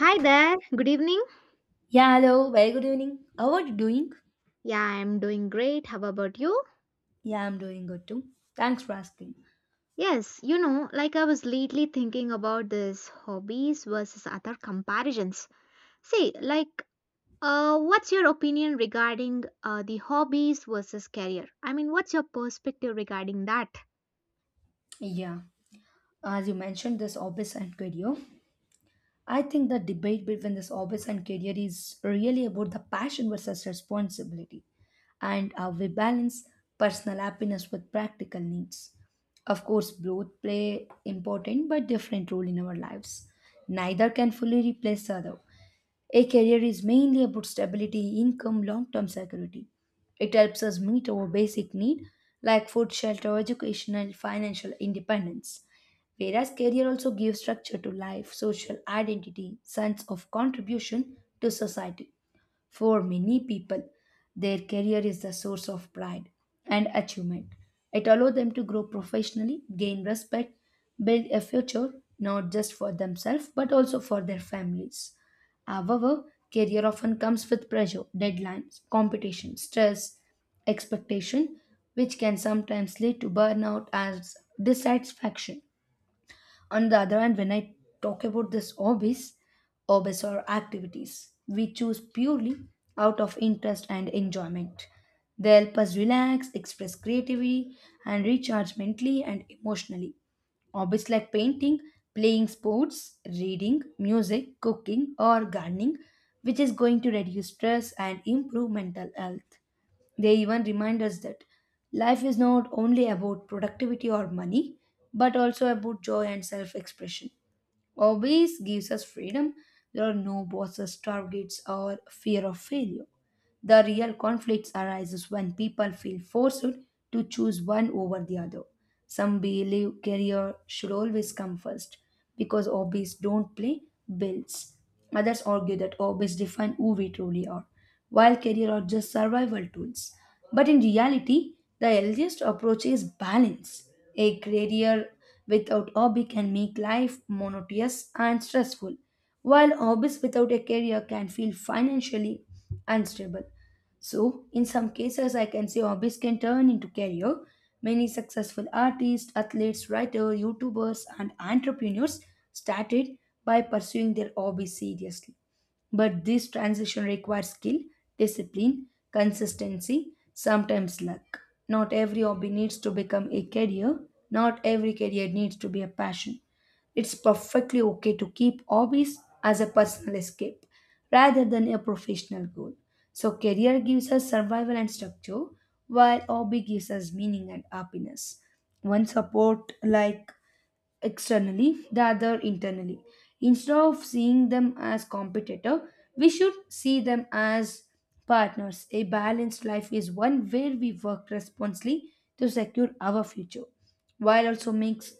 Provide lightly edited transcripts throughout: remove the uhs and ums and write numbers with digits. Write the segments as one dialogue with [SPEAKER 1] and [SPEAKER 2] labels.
[SPEAKER 1] Hi there, good evening.
[SPEAKER 2] Yeah, hello, very good evening. How are you doing?
[SPEAKER 1] Yeah, I'm doing great. How about you?
[SPEAKER 2] Yeah, I'm doing good too. Thanks for asking.
[SPEAKER 1] Yes, you know, like I was lately thinking about this hobbies versus other comparisons. See, like, what's your opinion regarding the hobbies versus career? I mean, what's your perspective regarding that?
[SPEAKER 2] Yeah, as you mentioned, this office and career. I think the debate between this office and career is really about the passion versus responsibility and how we balance personal happiness with practical needs. Of course, both play important but different role in our lives. Neither can fully replace the other. A career is mainly about stability, income, long term security. It helps us meet our basic need like food, shelter, education, and financial independence. Whereas career also gives structure to life, social identity, sense of contribution to society. For many people, their career is the source of pride and achievement. It allows them to grow professionally, gain respect, build a future not just for themselves but also for their families. However, career often comes with pressure, deadlines, competition, stress, expectation, which can sometimes lead to burnout as dissatisfaction. On the other hand, when I talk about this hobbies, hobbies are activities we choose purely out of interest and enjoyment. They help us relax, express creativity, and recharge mentally and emotionally. Hobbies like painting, playing sports, reading, music, cooking, or gardening, which is going to reduce stress and improve mental health. They even remind us that life is not only about productivity or money, but also about joy and self expression. Hobbies gives us freedom. There are no bosses, targets, or fear of failure. The real conflicts arises when people feel forced to choose one over the other. Some believe career should always come first because hobbies don't play bills. Others argue that hobbies define who we truly are, while career are just survival tools. But in reality, the healthiest approach is balance. A career without hobby can make life monotonous and stressful while hobbies without a career can feel financially unstable. So, in some cases, I can say hobbies can turn into career. Many successful artists, athletes, writers, YouTubers, and entrepreneurs started by pursuing their hobbies seriously. But this transition requires skill, discipline, consistency, sometimes luck. Not every hobby needs to become a career, not every career needs to be a passion. It's perfectly okay to keep hobbies as a personal escape rather than a professional goal. So, career gives us survival and structure, while hobby gives us meaning and happiness. One support, like externally, the other internally. Instead of seeing them as competitor, we should see them as partners. A balanced life is one where we work responsibly to secure our future, while also makes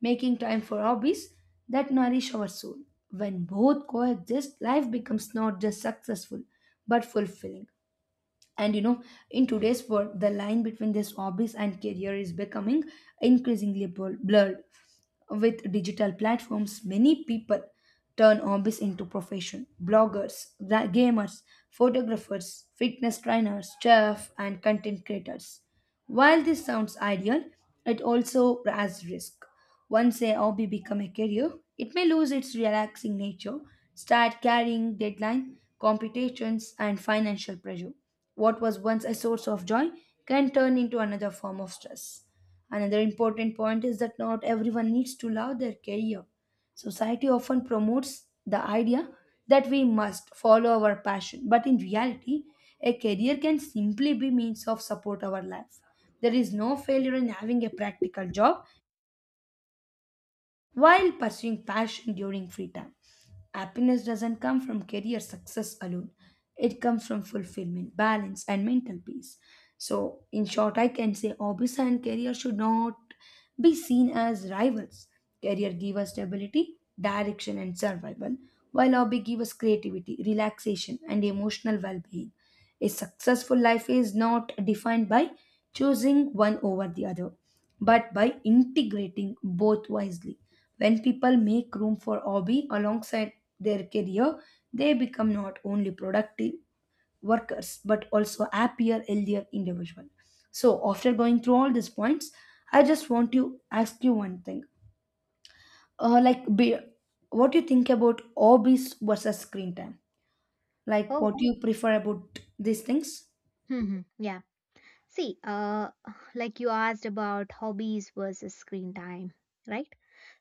[SPEAKER 2] making time for hobbies that nourish our soul. When both coexist, life becomes not just successful but fulfilling. And you know, in today's world, the line between these hobbies and career is becoming increasingly blurred with digital platforms, many people turn hobbies into profession. Bloggers, gamers, photographers, fitness trainers, chef, and content creators. While this sounds ideal, it also has risk. Once a hobby become a career, it may lose its relaxing nature, start carrying deadline, competitions, and financial pressure. What was once a source of joy can turn into another form of stress. Another important point is that not everyone needs to love their career. Society often promotes the idea that we must follow our passion, but in reality, a career can simply be means of support our life. There is no failure in having a practical job while pursuing passion during free time. Happiness doesn't come from career success alone, it comes from fulfillment, balance, and mental peace. So, in short, I can say hobbies and career should not be seen as rivals. Career give us stability, direction, and survival, while hobby give us creativity, relaxation, and emotional well being. A successful life is not defined by choosing one over the other, but by integrating both wisely. When people make room for hobby alongside their career, they become not only productive workers but also happier, healthier individual. So after going through all these points, I just want to ask you one thing. Uh, like, be, what do you think about hobbies versus screen time? Like,
[SPEAKER 1] Oh,
[SPEAKER 2] what do you prefer about these things?
[SPEAKER 1] hmm, yeah. See, like you asked about hobbies versus screen time, right?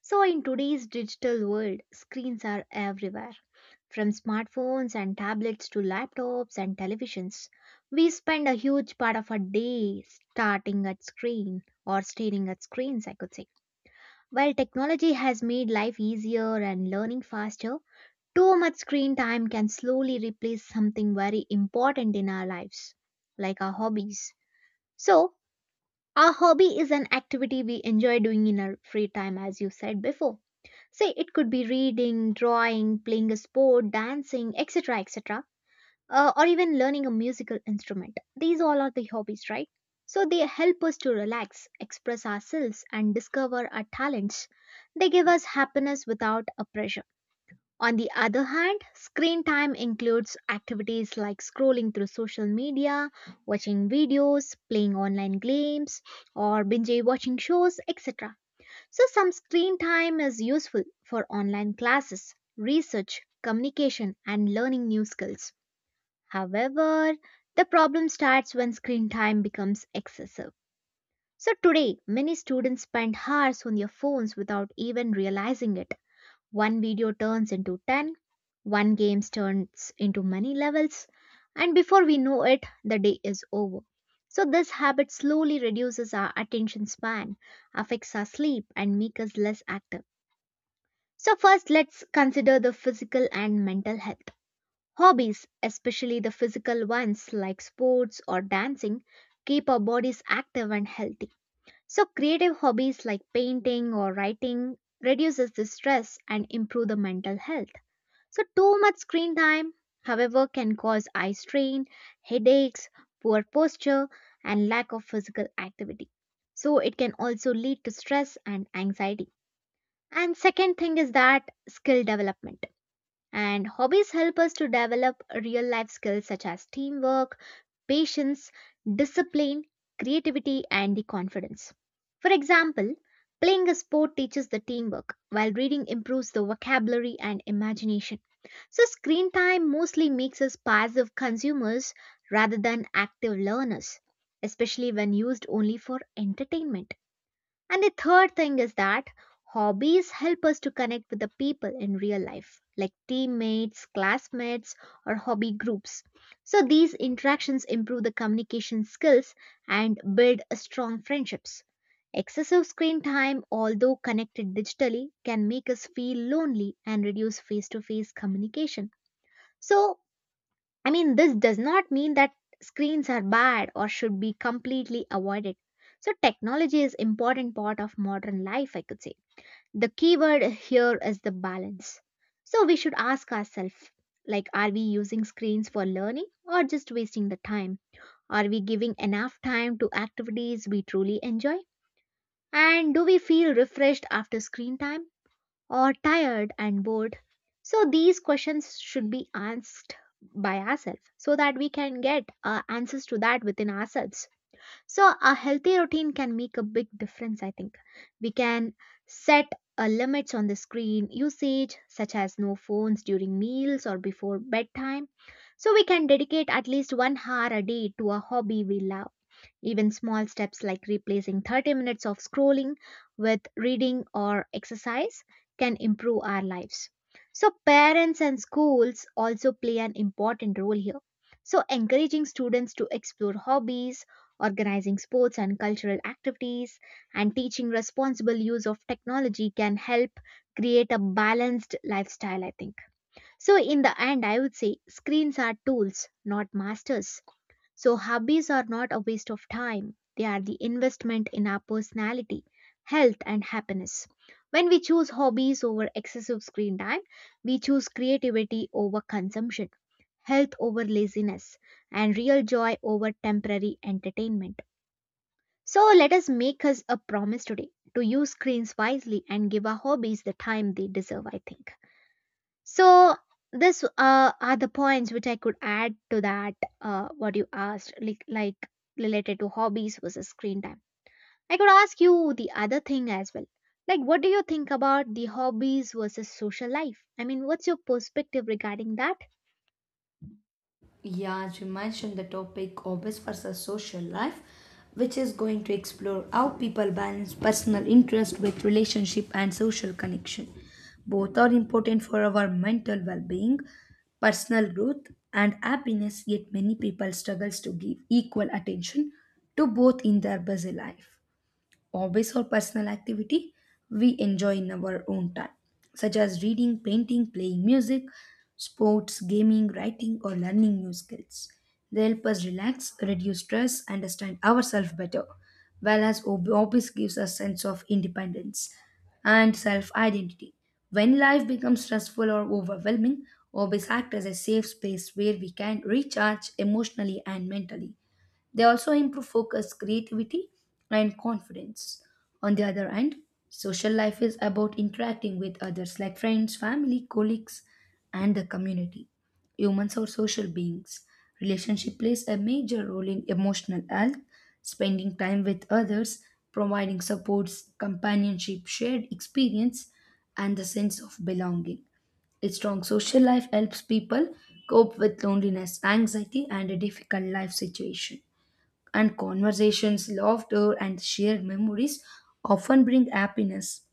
[SPEAKER 1] So, in today's digital world, screens are everywhere. From smartphones and tablets to laptops and televisions, we spend a huge part of our day starting at screen or staring at screens, I could say. While technology has made life easier and learning faster, too much screen time can slowly replace something very important in our lives, like our hobbies. So, our hobby is an activity we enjoy doing in our free time, as you said before. Say it could be reading, drawing, playing a sport, dancing, etc. Or even learning a musical instrument. These all are the hobbies, right? So they help us to relax, express ourselves, and discover our talents. They give us happiness without a pressure. On the other hand, screen time includes activities like scrolling through social media, watching videos, playing online games, or binge watching shows, etc. So, some screen time is useful for online classes, research, communication, and learning new skills. However, the problem starts when screen time becomes excessive. So, today, many students spend hours on their phones without even realizing it. One video turns into ten, one game turns into many levels, and before we know it, the day is over. So, this habit slowly reduces our attention span, affects our sleep, and makes us less active. So, first, let's consider the physical and mental health. Hobbies, especially the physical ones like sports or dancing, keep our bodies active and healthy. So creative hobbies like painting or writing reduces the stress and improve the mental health. So too much screen time, however, can cause eye strain, headaches, poor posture and lack of physical activity. So it can also lead to stress and anxiety. And second thing is that skill development. And hobbies help us to develop real life skills such as teamwork, patience, discipline, creativity, and the confidence. For example, playing a sport teaches the teamwork, while reading improves the vocabulary and imagination. So, screen time mostly makes us passive consumers rather than active learners, especially when used only for entertainment. And the third thing is that hobbies help us to connect with the people in real life, like teammates, classmates, or hobby groups. So these interactions improve the communication skills and build strong friendships. Excessive screen time, although connected digitally, can make us feel lonely and reduce face to face communication. So, I mean, this does not mean that screens are bad or should be completely avoided. So, technology is important part of modern life, I could say. The keyword here is the balance. So, we should ask ourselves like, are we using screens for learning or just wasting the time? Are we giving enough time to activities we truly enjoy? And do we feel refreshed after screen time, or tired and bored? So these questions should be asked by ourselves so that we can get answers to that within ourselves. So a healthy routine can make a big difference, I think. We can set limits on the screen usage, such as no phones during meals or before bedtime. So we can dedicate at least 1 hour a day to a hobby we love. Even small steps like replacing 30 minutes of scrolling with reading or exercise can improve our lives. So, parents and schools also play an important role here. So, encouraging students to explore hobbies, organizing sports and cultural activities, and teaching responsible use of technology can help create a balanced lifestyle, I think. So, in the end, I would say screens are tools, not masters. So, hobbies are not a waste of time, they are the investment in our personality, health, and happiness. When we choose hobbies over excessive screen time, we choose creativity over consumption, health over laziness, and real joy over temporary entertainment. So, let us make us a promise today to use screens wisely and give our hobbies the time they deserve, I think. So this are the points which I could add to that what you asked like, related to hobbies versus screen time. I could ask you the other thing as well. Like what do you think about the hobbies versus social life? I mean, what's your perspective regarding that?
[SPEAKER 2] Yeah, as you mentioned, the topic office versus social life, which is going to explore how people balance personal interest with relationship and social connection. Both are important for our mental well-being, personal growth, and happiness. Yet many people struggles to give equal attention to both in their busy life hobbies or personal activity we enjoy in our own time, such as reading, painting, playing music, sports, gaming, writing, or learning new skills. They help us relax, reduce stress, understand ourselves better, whereas hobbies gives us sense of independence and self-identity. When life becomes stressful or overwhelming, hobbies act as a safe space where we can recharge emotionally and mentally. They also improve focus, creativity, and confidence. On the other hand, social life is about interacting with others like friends, family, colleagues, and the community. Humans are social beings. Relationship plays a major role in emotional health, spending time with others, providing supports, companionship, shared experience, and the sense of belonging. A strong social life helps people cope with loneliness, anxiety, and a difficult life situation and conversations, laughter, and shared memories often bring happiness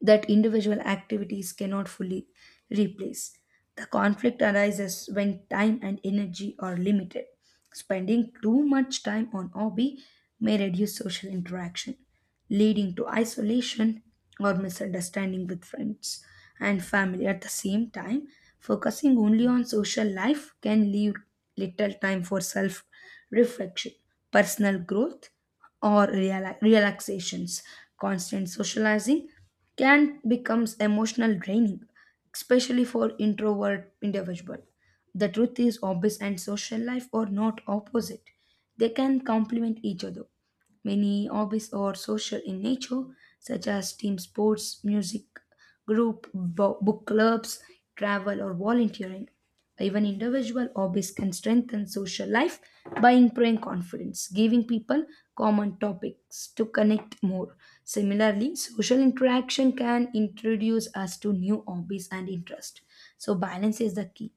[SPEAKER 2] that individual activities cannot fully replace. The conflict arises when time and energy are limited, spending too much time on hobby may reduce social interaction, leading to isolation or misunderstanding with friends and family. At the same time, focusing only on social life can leave little time for self reflection, personal growth, or relaxations. Constant socializing can becomes emotional draining, especially for introvert individual. The truth is, hobbies and social life are not opposite, they can complement each other. Many hobbies are social in nature, such as team sports, music, group, book clubs, travel, or volunteering. Even individual hobbies can strengthen social life by improving confidence, giving people common topics to connect more. Similarly, social interaction can introduce us to new hobbies and interests. So, balance is the key.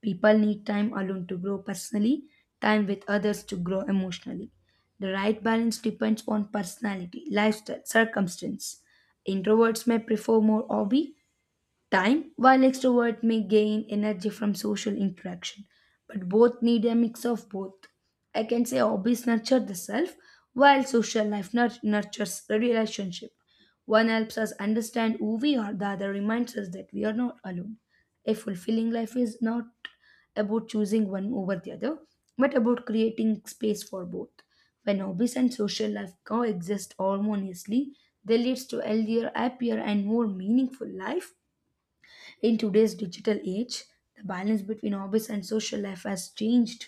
[SPEAKER 2] People need time alone to grow personally, time with others to grow emotionally. The right balance depends on personality, lifestyle, circumstance. Introverts may prefer more hobby, time, while extrovert may gain energy from social interaction. But both need a mix of both. I can say hobbies nurture the self, while social life nurtures the relationship. One helps us understand who we are, the other reminds us that we are not alone. A fulfilling life is not about choosing one over the other, but about creating space for both. When hobbies and social life coexist harmoniously, they leads to healthier, happier, and more meaningful life in today's digital age, the balance between hobbies and social life has changed.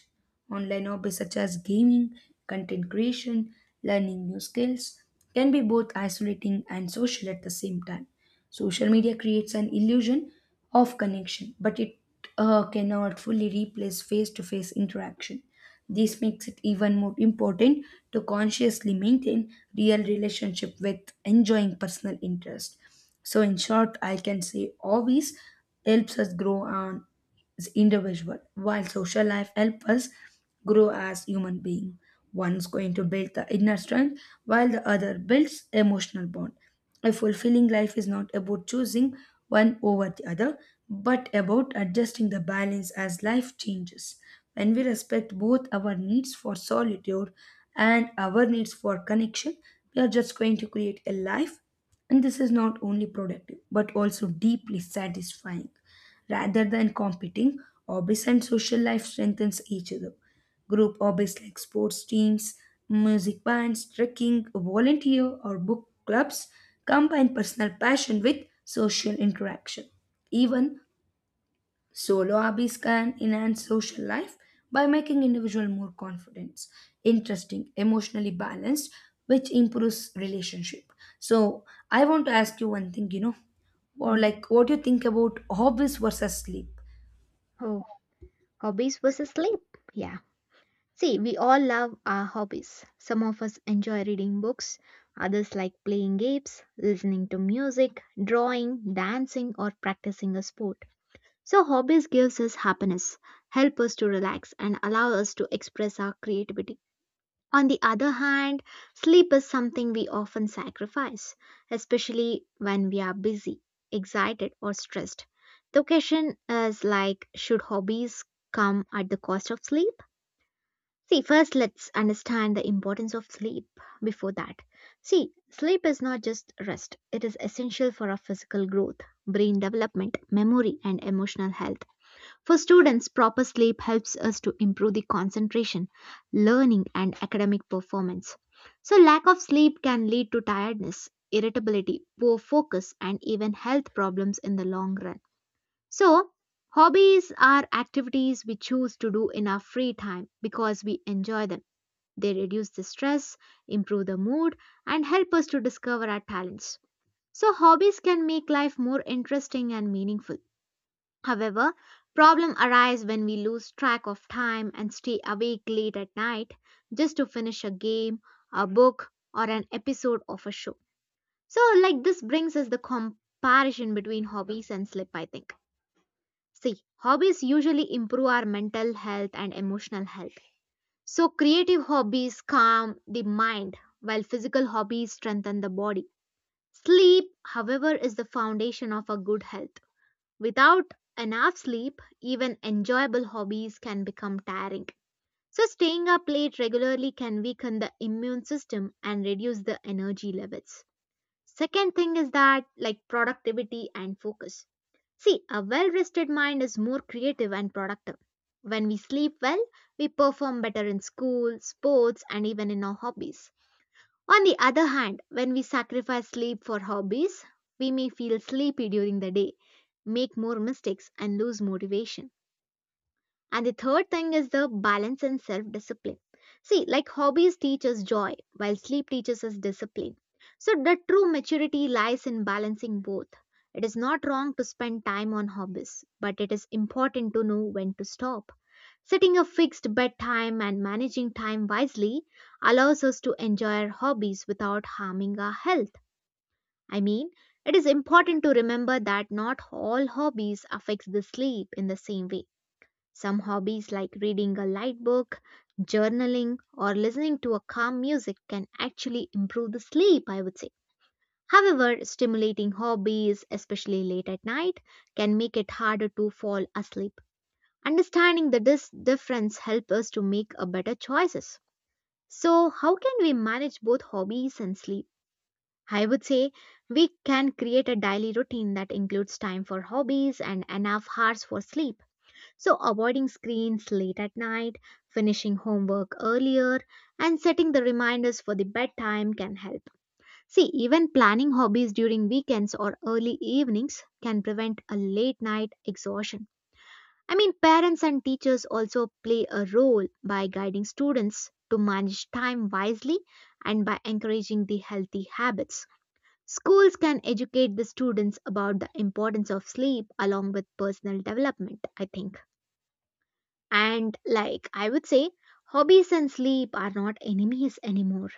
[SPEAKER 2] Online hobbies such as gaming, content creation, learning new skills can be both isolating and social at the same time. Social media creates an illusion of connection, but it cannot fully replace face to face interaction. This makes it even more important to consciously maintain real relationship with enjoying personal interest. So in short, I can say hobbies helps us grow on as individual, while social life helps us grow as human being. One is going to build the inner strength, while the other builds emotional bond. A fulfilling life is not about choosing one over the other, but about adjusting the balance as life changes. When we respect both our needs for solitude and our needs for connection, we are just going to create a life, and this is not only productive but also deeply satisfying. Rather than competing, hobbies and social life strengthens each other. Group hobbies like sports teams, music bands, trekking, volunteer, or book clubs combine personal passion with social interaction. Even solo hobbies can enhance social life by making individual more confident, interesting, emotionally balanced, which improves relationship. So I want to ask you one thing, you know, or
[SPEAKER 1] Hmm.
[SPEAKER 2] like what do you think about hobbies versus sleep?
[SPEAKER 1] Oh, hobbies versus sleep. Yeah. See, we all love our hobbies. Some of us enjoy reading books, others like playing games, listening to music, drawing, dancing or practicing a sport. So hobbies gives us happiness, help us to relax and allow us to express our creativity. On the other hand, sleep is something we often sacrifice, especially when we are busy, excited or stressed. The question is like should hobbies come at the cost of sleep? See, first let's understand the importance of sleep before that. See, sleep is not just rest. It is essential for our physical growth, brain development, memory and emotional health. For students, proper sleep helps us to improve the concentration, learning, and academic performance. So, lack of sleep can lead to tiredness, irritability, poor focus, and even health problems in the long run. So, hobbies are activities we choose to do in our free time because we enjoy them. They reduce the stress, improve the mood, and help us to discover our talents. So, hobbies can make life more interesting and meaningful. However, problems arise when we lose track of time and stay awake late at night just to finish a game, a book, or an episode of a show. So, like this brings us the comparison between hobbies and sleep, I think. See, hobbies usually improve our mental health and emotional health. So, creative hobbies calm the mind, while physical hobbies strengthen the body. Sleep, however, is the foundation of a good health. Without enough sleep, even enjoyable hobbies can become tiring. So, staying up late regularly can weaken the immune system and reduce the energy levels. Second thing is that, like productivity and focus. See, a well rested mind is more creative and productive. When we sleep well, we perform better in school, sports, and even in our hobbies. On the other hand, when we sacrifice sleep for hobbies, we may feel sleepy during the day, make more mistakes, and lose motivation. And the third thing is the balance and self discipline. See, like hobbies teach us joy, while sleep teaches us discipline. So, the true maturity lies in balancing both. It is not wrong to spend time on hobbies, but it is important to know when to stop. Setting a fixed bedtime and managing time wisely allows us to enjoy our hobbies without harming our health. I mean, it is important to remember that not all hobbies affect the sleep in the same way. Some hobbies like reading a light book, journaling, or listening to a calm music can actually improve the sleep, I would say. However, stimulating hobbies, especially late at night, can make it harder to fall asleep. Understanding the difference help us to make a better choices. So how can we manage both hobbies and sleep? I would say we can create a daily routine that includes time for hobbies and enough hours for sleep. So avoiding screens late at night, finishing homework earlier and setting the reminders for the bedtime can help. See, even planning hobbies during weekends or early evenings can prevent a late night exhaustion. I mean, parents and teachers also play a role by guiding students to manage time wisely and by encouraging the healthy habits. Schools can educate the students about the importance of sleep along with personal development, I think. And like I would say, hobbies and sleep are not enemies anymore.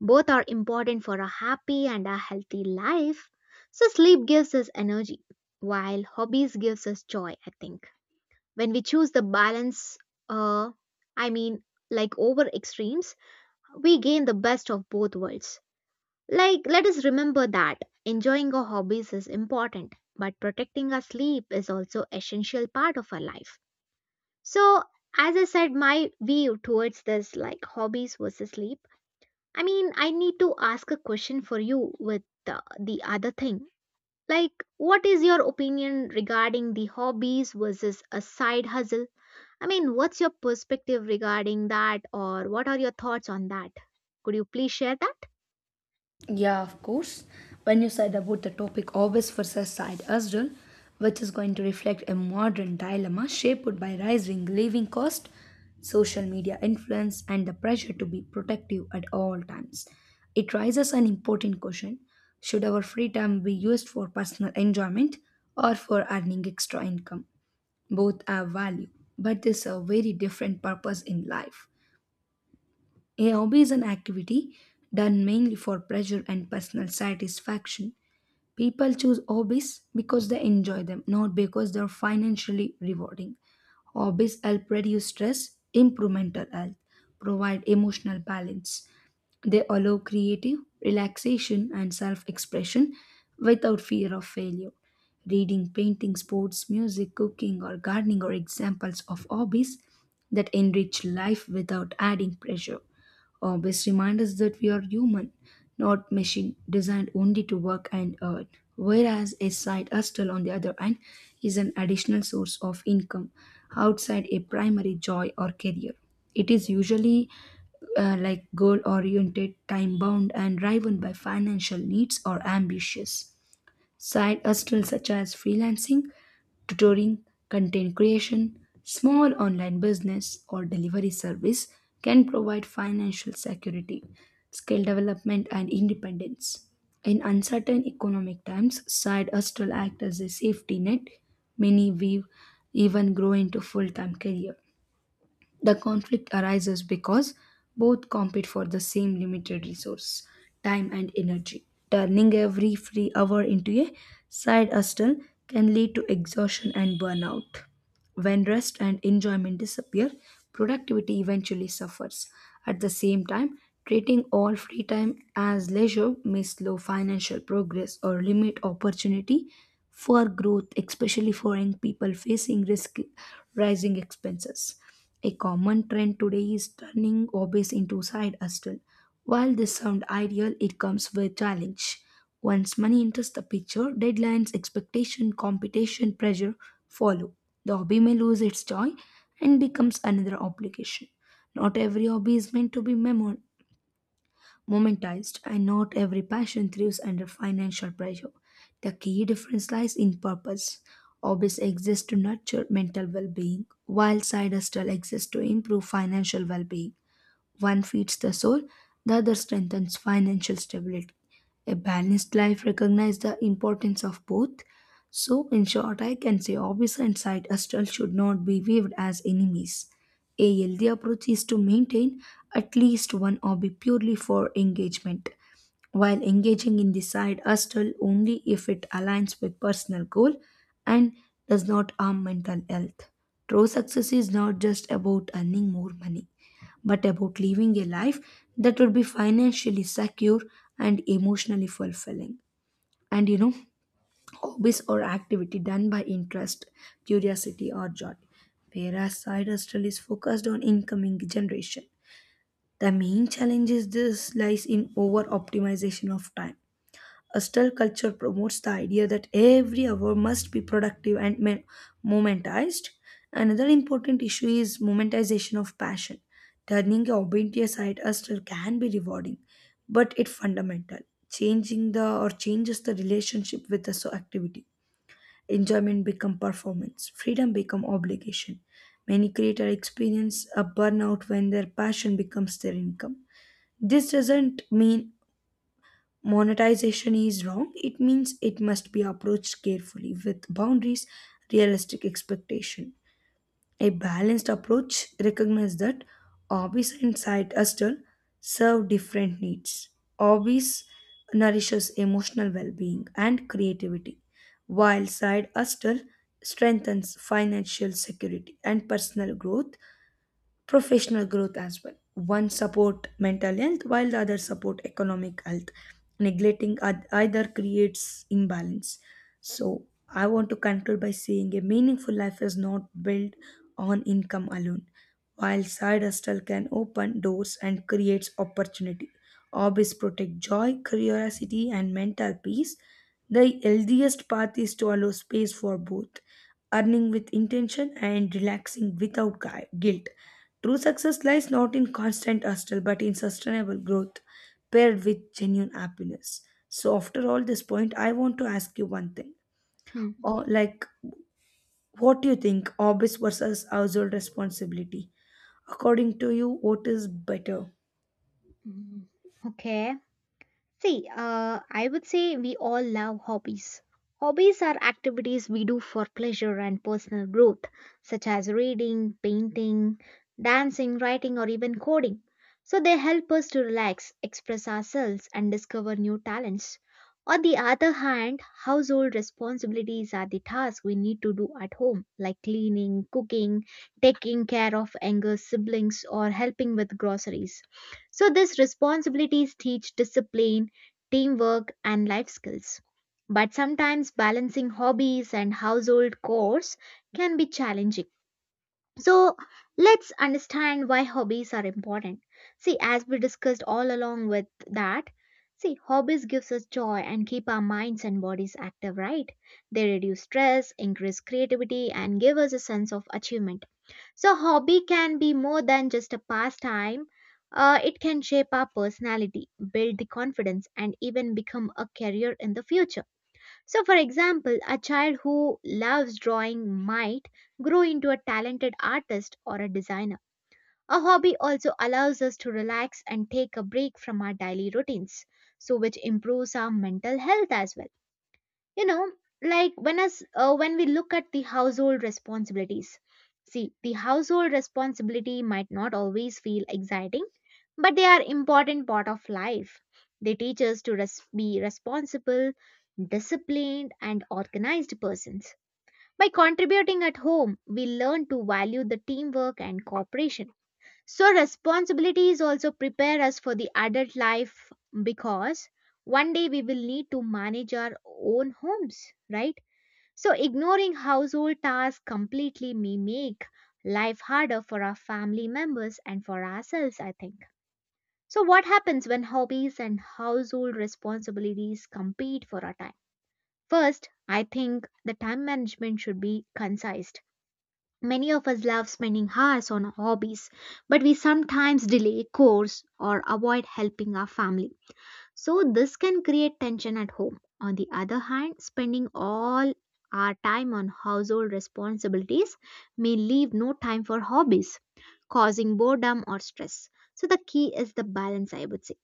[SPEAKER 1] Both are important for a happy and a healthy life. So sleep gives us energy while hobbies gives us joy, I think. When we choose the balance uh i mean like over extremes, we gain the best of both worlds. Like, let us remember that enjoying our hobbies is important but protecting our sleep is also essential part of our life. So as I said my view towards this like hobbies versus sleep, I mean, I need to ask a question for you with the other thing, like what is your opinion regarding the hobbies versus a side hustle? I mean, what's your perspective regarding that, or what are your thoughts on that? Could you please share that?
[SPEAKER 2] Yeah, of course. When you said about the topic obvious versus side hustle, which is going to reflect a modern dilemma shaped by rising living cost, social media influence, and the pressure to be protective at all times. It raises an important question. Should our free time be used for personal enjoyment or for earning extra income? Both have value, but there's a very different purpose in life. A hobby is an activity done mainly for pleasure and personal satisfaction. People choose hobbies because they enjoy them, not because they're financially rewarding. Hobbies help reduce stress, improve mental health, provide emotional balance. They allow creative relaxation and self expression without fear of failure. Reading, painting, sports, music, cooking, or gardening are examples of hobbies that enrich life without adding pressure best remind us that we are human, not machine designed only to work and earn. Whereas a side hustle, on the other hand, is an additional source of income outside a primary joy or career. It is usually like goal oriented, time bound, and driven by financial needs or ambitious. Side hustles such as freelancing tutoring, content creation, small online business, or delivery service can provide financial security, skill development, and independence. In uncertain economic times, side hustle act as a safety net. Many weave even grow into full-time career. The conflict arises because both compete for the same limited resource, time and energy. Turning every free hour into a side hustle can lead to exhaustion and burnout. When rest and enjoyment disappear, productivity eventually suffers. At the same time, treating all free time as leisure may slow financial progress or limit opportunity for growth, especially for young people facing risk rising expenses. A common trend today is turning hobbies into side hustle. While this sounds ideal, it comes with challenge. Once money enters the picture, deadlines, expectation, competition, pressure follow. The hobby may lose its joy and becomes another obligation. Not every hobby is meant to be momentized, and not every passion thrives under financial pressure. The key difference lies in purpose. Hobbies exist to nurture mental well being, while side hustles exist to improve financial well being. One feeds the soul, the other strengthens financial stability. A balanced life recognizes the importance of both. So, in short, I can say hobbies and side hustle should not be viewed as enemies. A healthy approach is to maintain at least one hobby purely for engagement, while engaging in the side hustle only if it aligns with personal goal and does not harm mental health. True success is not just about earning more money but about living a life that would be financially secure and emotionally fulfilling. And you know, hobbies or activity done by interest, curiosity, or joy. Whereas side hustle is focused on incoming generation. The main challenge is this lies in over optimization of time. Hostile culture promotes the idea that every hour must be productive and momentized. Another important issue is momentization of passion. Turning a obedience side hustle can be rewarding, but it fundamental. Changing the or changes the relationship with the so activity. Enjoyment become performance. Freedom become obligation. Many creators experience a burnout when their passion becomes their income. This doesn't mean monetization is wrong, it means it must be approached carefully with boundaries, realistic expectation. A balanced approach recognizes that hobbies and side hustle serve different needs. Hobbies nourishes emotional well-being and creativity, while side hustle strengthens financial security and personal growth professional growth as well. One support mental health while the other support economic health. Neglecting either creates imbalance. So I want to conclude by saying a meaningful life is not built on income alone. While side hustle can open doors and creates opportunity. Hobbies protect joy, curiosity, and mental peace. The healthiest path is to allow space for both, earning with intention and relaxing without guilt. True success lies not in constant hustle but in sustainable growth paired with genuine happiness. So after all this point, I want to ask you one thing.
[SPEAKER 1] Hmm.
[SPEAKER 2] Or like what do you think office versus household responsibility? According to you, what is better?
[SPEAKER 1] Hmm. Okay. See, I would say we all love hobbies. Hobbies are activities we do for pleasure and personal growth, such as reading, painting, dancing, writing, or even coding. So they help us to relax, express ourselves, and discover new talents. On the other hand, household responsibilities are the tasks we need to do at home, like cleaning, cooking, taking care of younger siblings, or helping with groceries. So these responsibilities teach discipline, teamwork, and life skills. But sometimes balancing hobbies and household chores can be challenging. So let's understand why hobbies are important. See, as we discussed all along with that, see, hobbies gives us joy and keep our minds and bodies active, right? They reduce stress, increase creativity, and give us a sense of achievement. So, hobby can be more than just a pastime. It can shape our personality, build the confidence, and even become a career in the future. So, for example, a child who loves drawing might grow into a talented artist or a designer. A hobby also allows us to relax and take a break from our daily routines, so which improves our mental health as well. You know like when us uh, when we look at the household responsibilities, see, the household responsibility might not always feel exciting, but they are important part of life. They teach us to be responsible, disciplined, and organized persons. By contributing at home, we learn to value the teamwork and cooperation. So responsibilities also prepare us for the adult life, because one day we will need to manage our own homes, right? So, ignoring household tasks completely may make life harder for our family members and for ourselves, I think. So, what happens when hobbies and household responsibilities compete for our time? First, I think the time management should be concise. Many of us love spending hours on hobbies, but we sometimes delay chores or avoid helping our family. So, this can create tension at home. On the other hand, spending all our time on household responsibilities may leave no time for hobbies, causing boredom or stress. So, the key is the balance, I would say.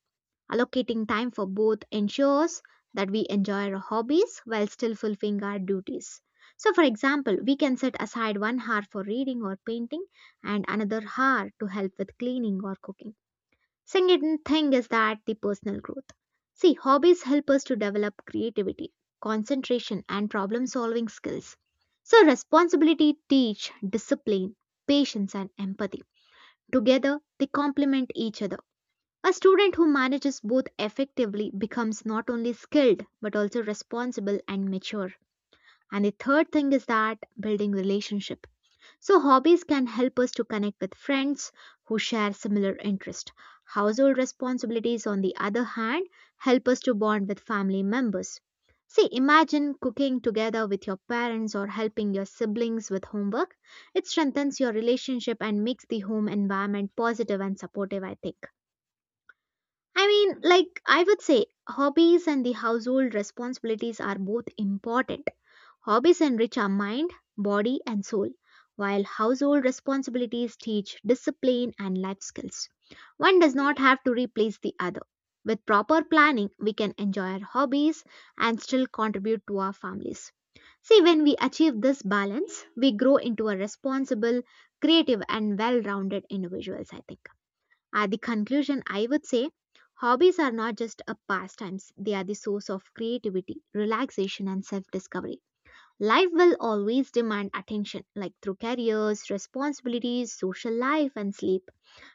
[SPEAKER 1] Allocating time for both ensures that we enjoy our hobbies while still fulfilling our duties. So, for example, we can set aside 1 hour for reading or painting and another hour to help with cleaning or cooking. Second thing is that the personal growth. See, hobbies help us to develop creativity, concentration, and problem solving skills. So, responsibility teach discipline, patience, and empathy. Together, they complement each other. A student who manages both effectively becomes not only skilled but also responsible and mature. And the third thing is that building relationship. So, hobbies can help us to connect with friends who share similar interests. Household responsibilities, on the other hand, help us to bond with family members. See, imagine cooking together with your parents or helping your siblings with homework. It strengthens your relationship and makes the home environment positive and supportive, I think. I mean, like, I would say hobbies and the household responsibilities are both important. Hobbies enrich our mind, body, and soul, while household responsibilities teach discipline and life skills. One does not have to replace the other. With proper planning, we can enjoy our hobbies and still contribute to our families. See, when we achieve this balance, we grow into a responsible, creative, and well rounded individuals, I think. At the conclusion, I would say hobbies are not just a pastimes, they are the source of creativity, relaxation, and self discovery. Life will always demand attention, like through careers, responsibilities, social life, and sleep.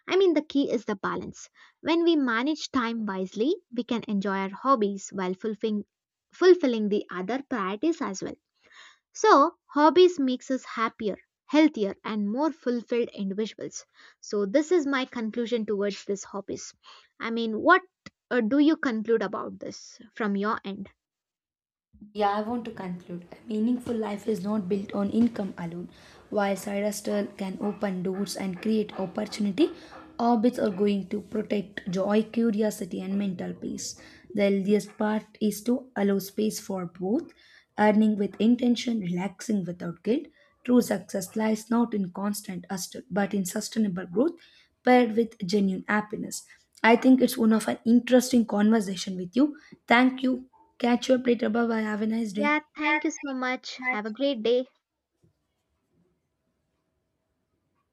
[SPEAKER 1] I mean, the key is the balance. When we manage time wisely, we can enjoy our hobbies while fulfilling the other priorities as well. So, hobbies makes us happier, healthier, and more fulfilled individuals. So, this is my conclusion towards this hobbies. I mean, what do you conclude about this from your end?
[SPEAKER 2] Yeah, I want to conclude. A meaningful life is not built on income alone. While side hustle can open doors and create opportunity, hobbies are going to protect joy, curiosity, and mental peace. The healthiest part is to allow space for both, earning with intention, relaxing without guilt. True success lies not in constant hustle, but in sustainable growth paired with genuine happiness. I think it's one of an interesting conversation with you. Thank you. Catch you up later. Bye bye. Have a nice day.
[SPEAKER 1] Yeah, thank you so much. Have a great day.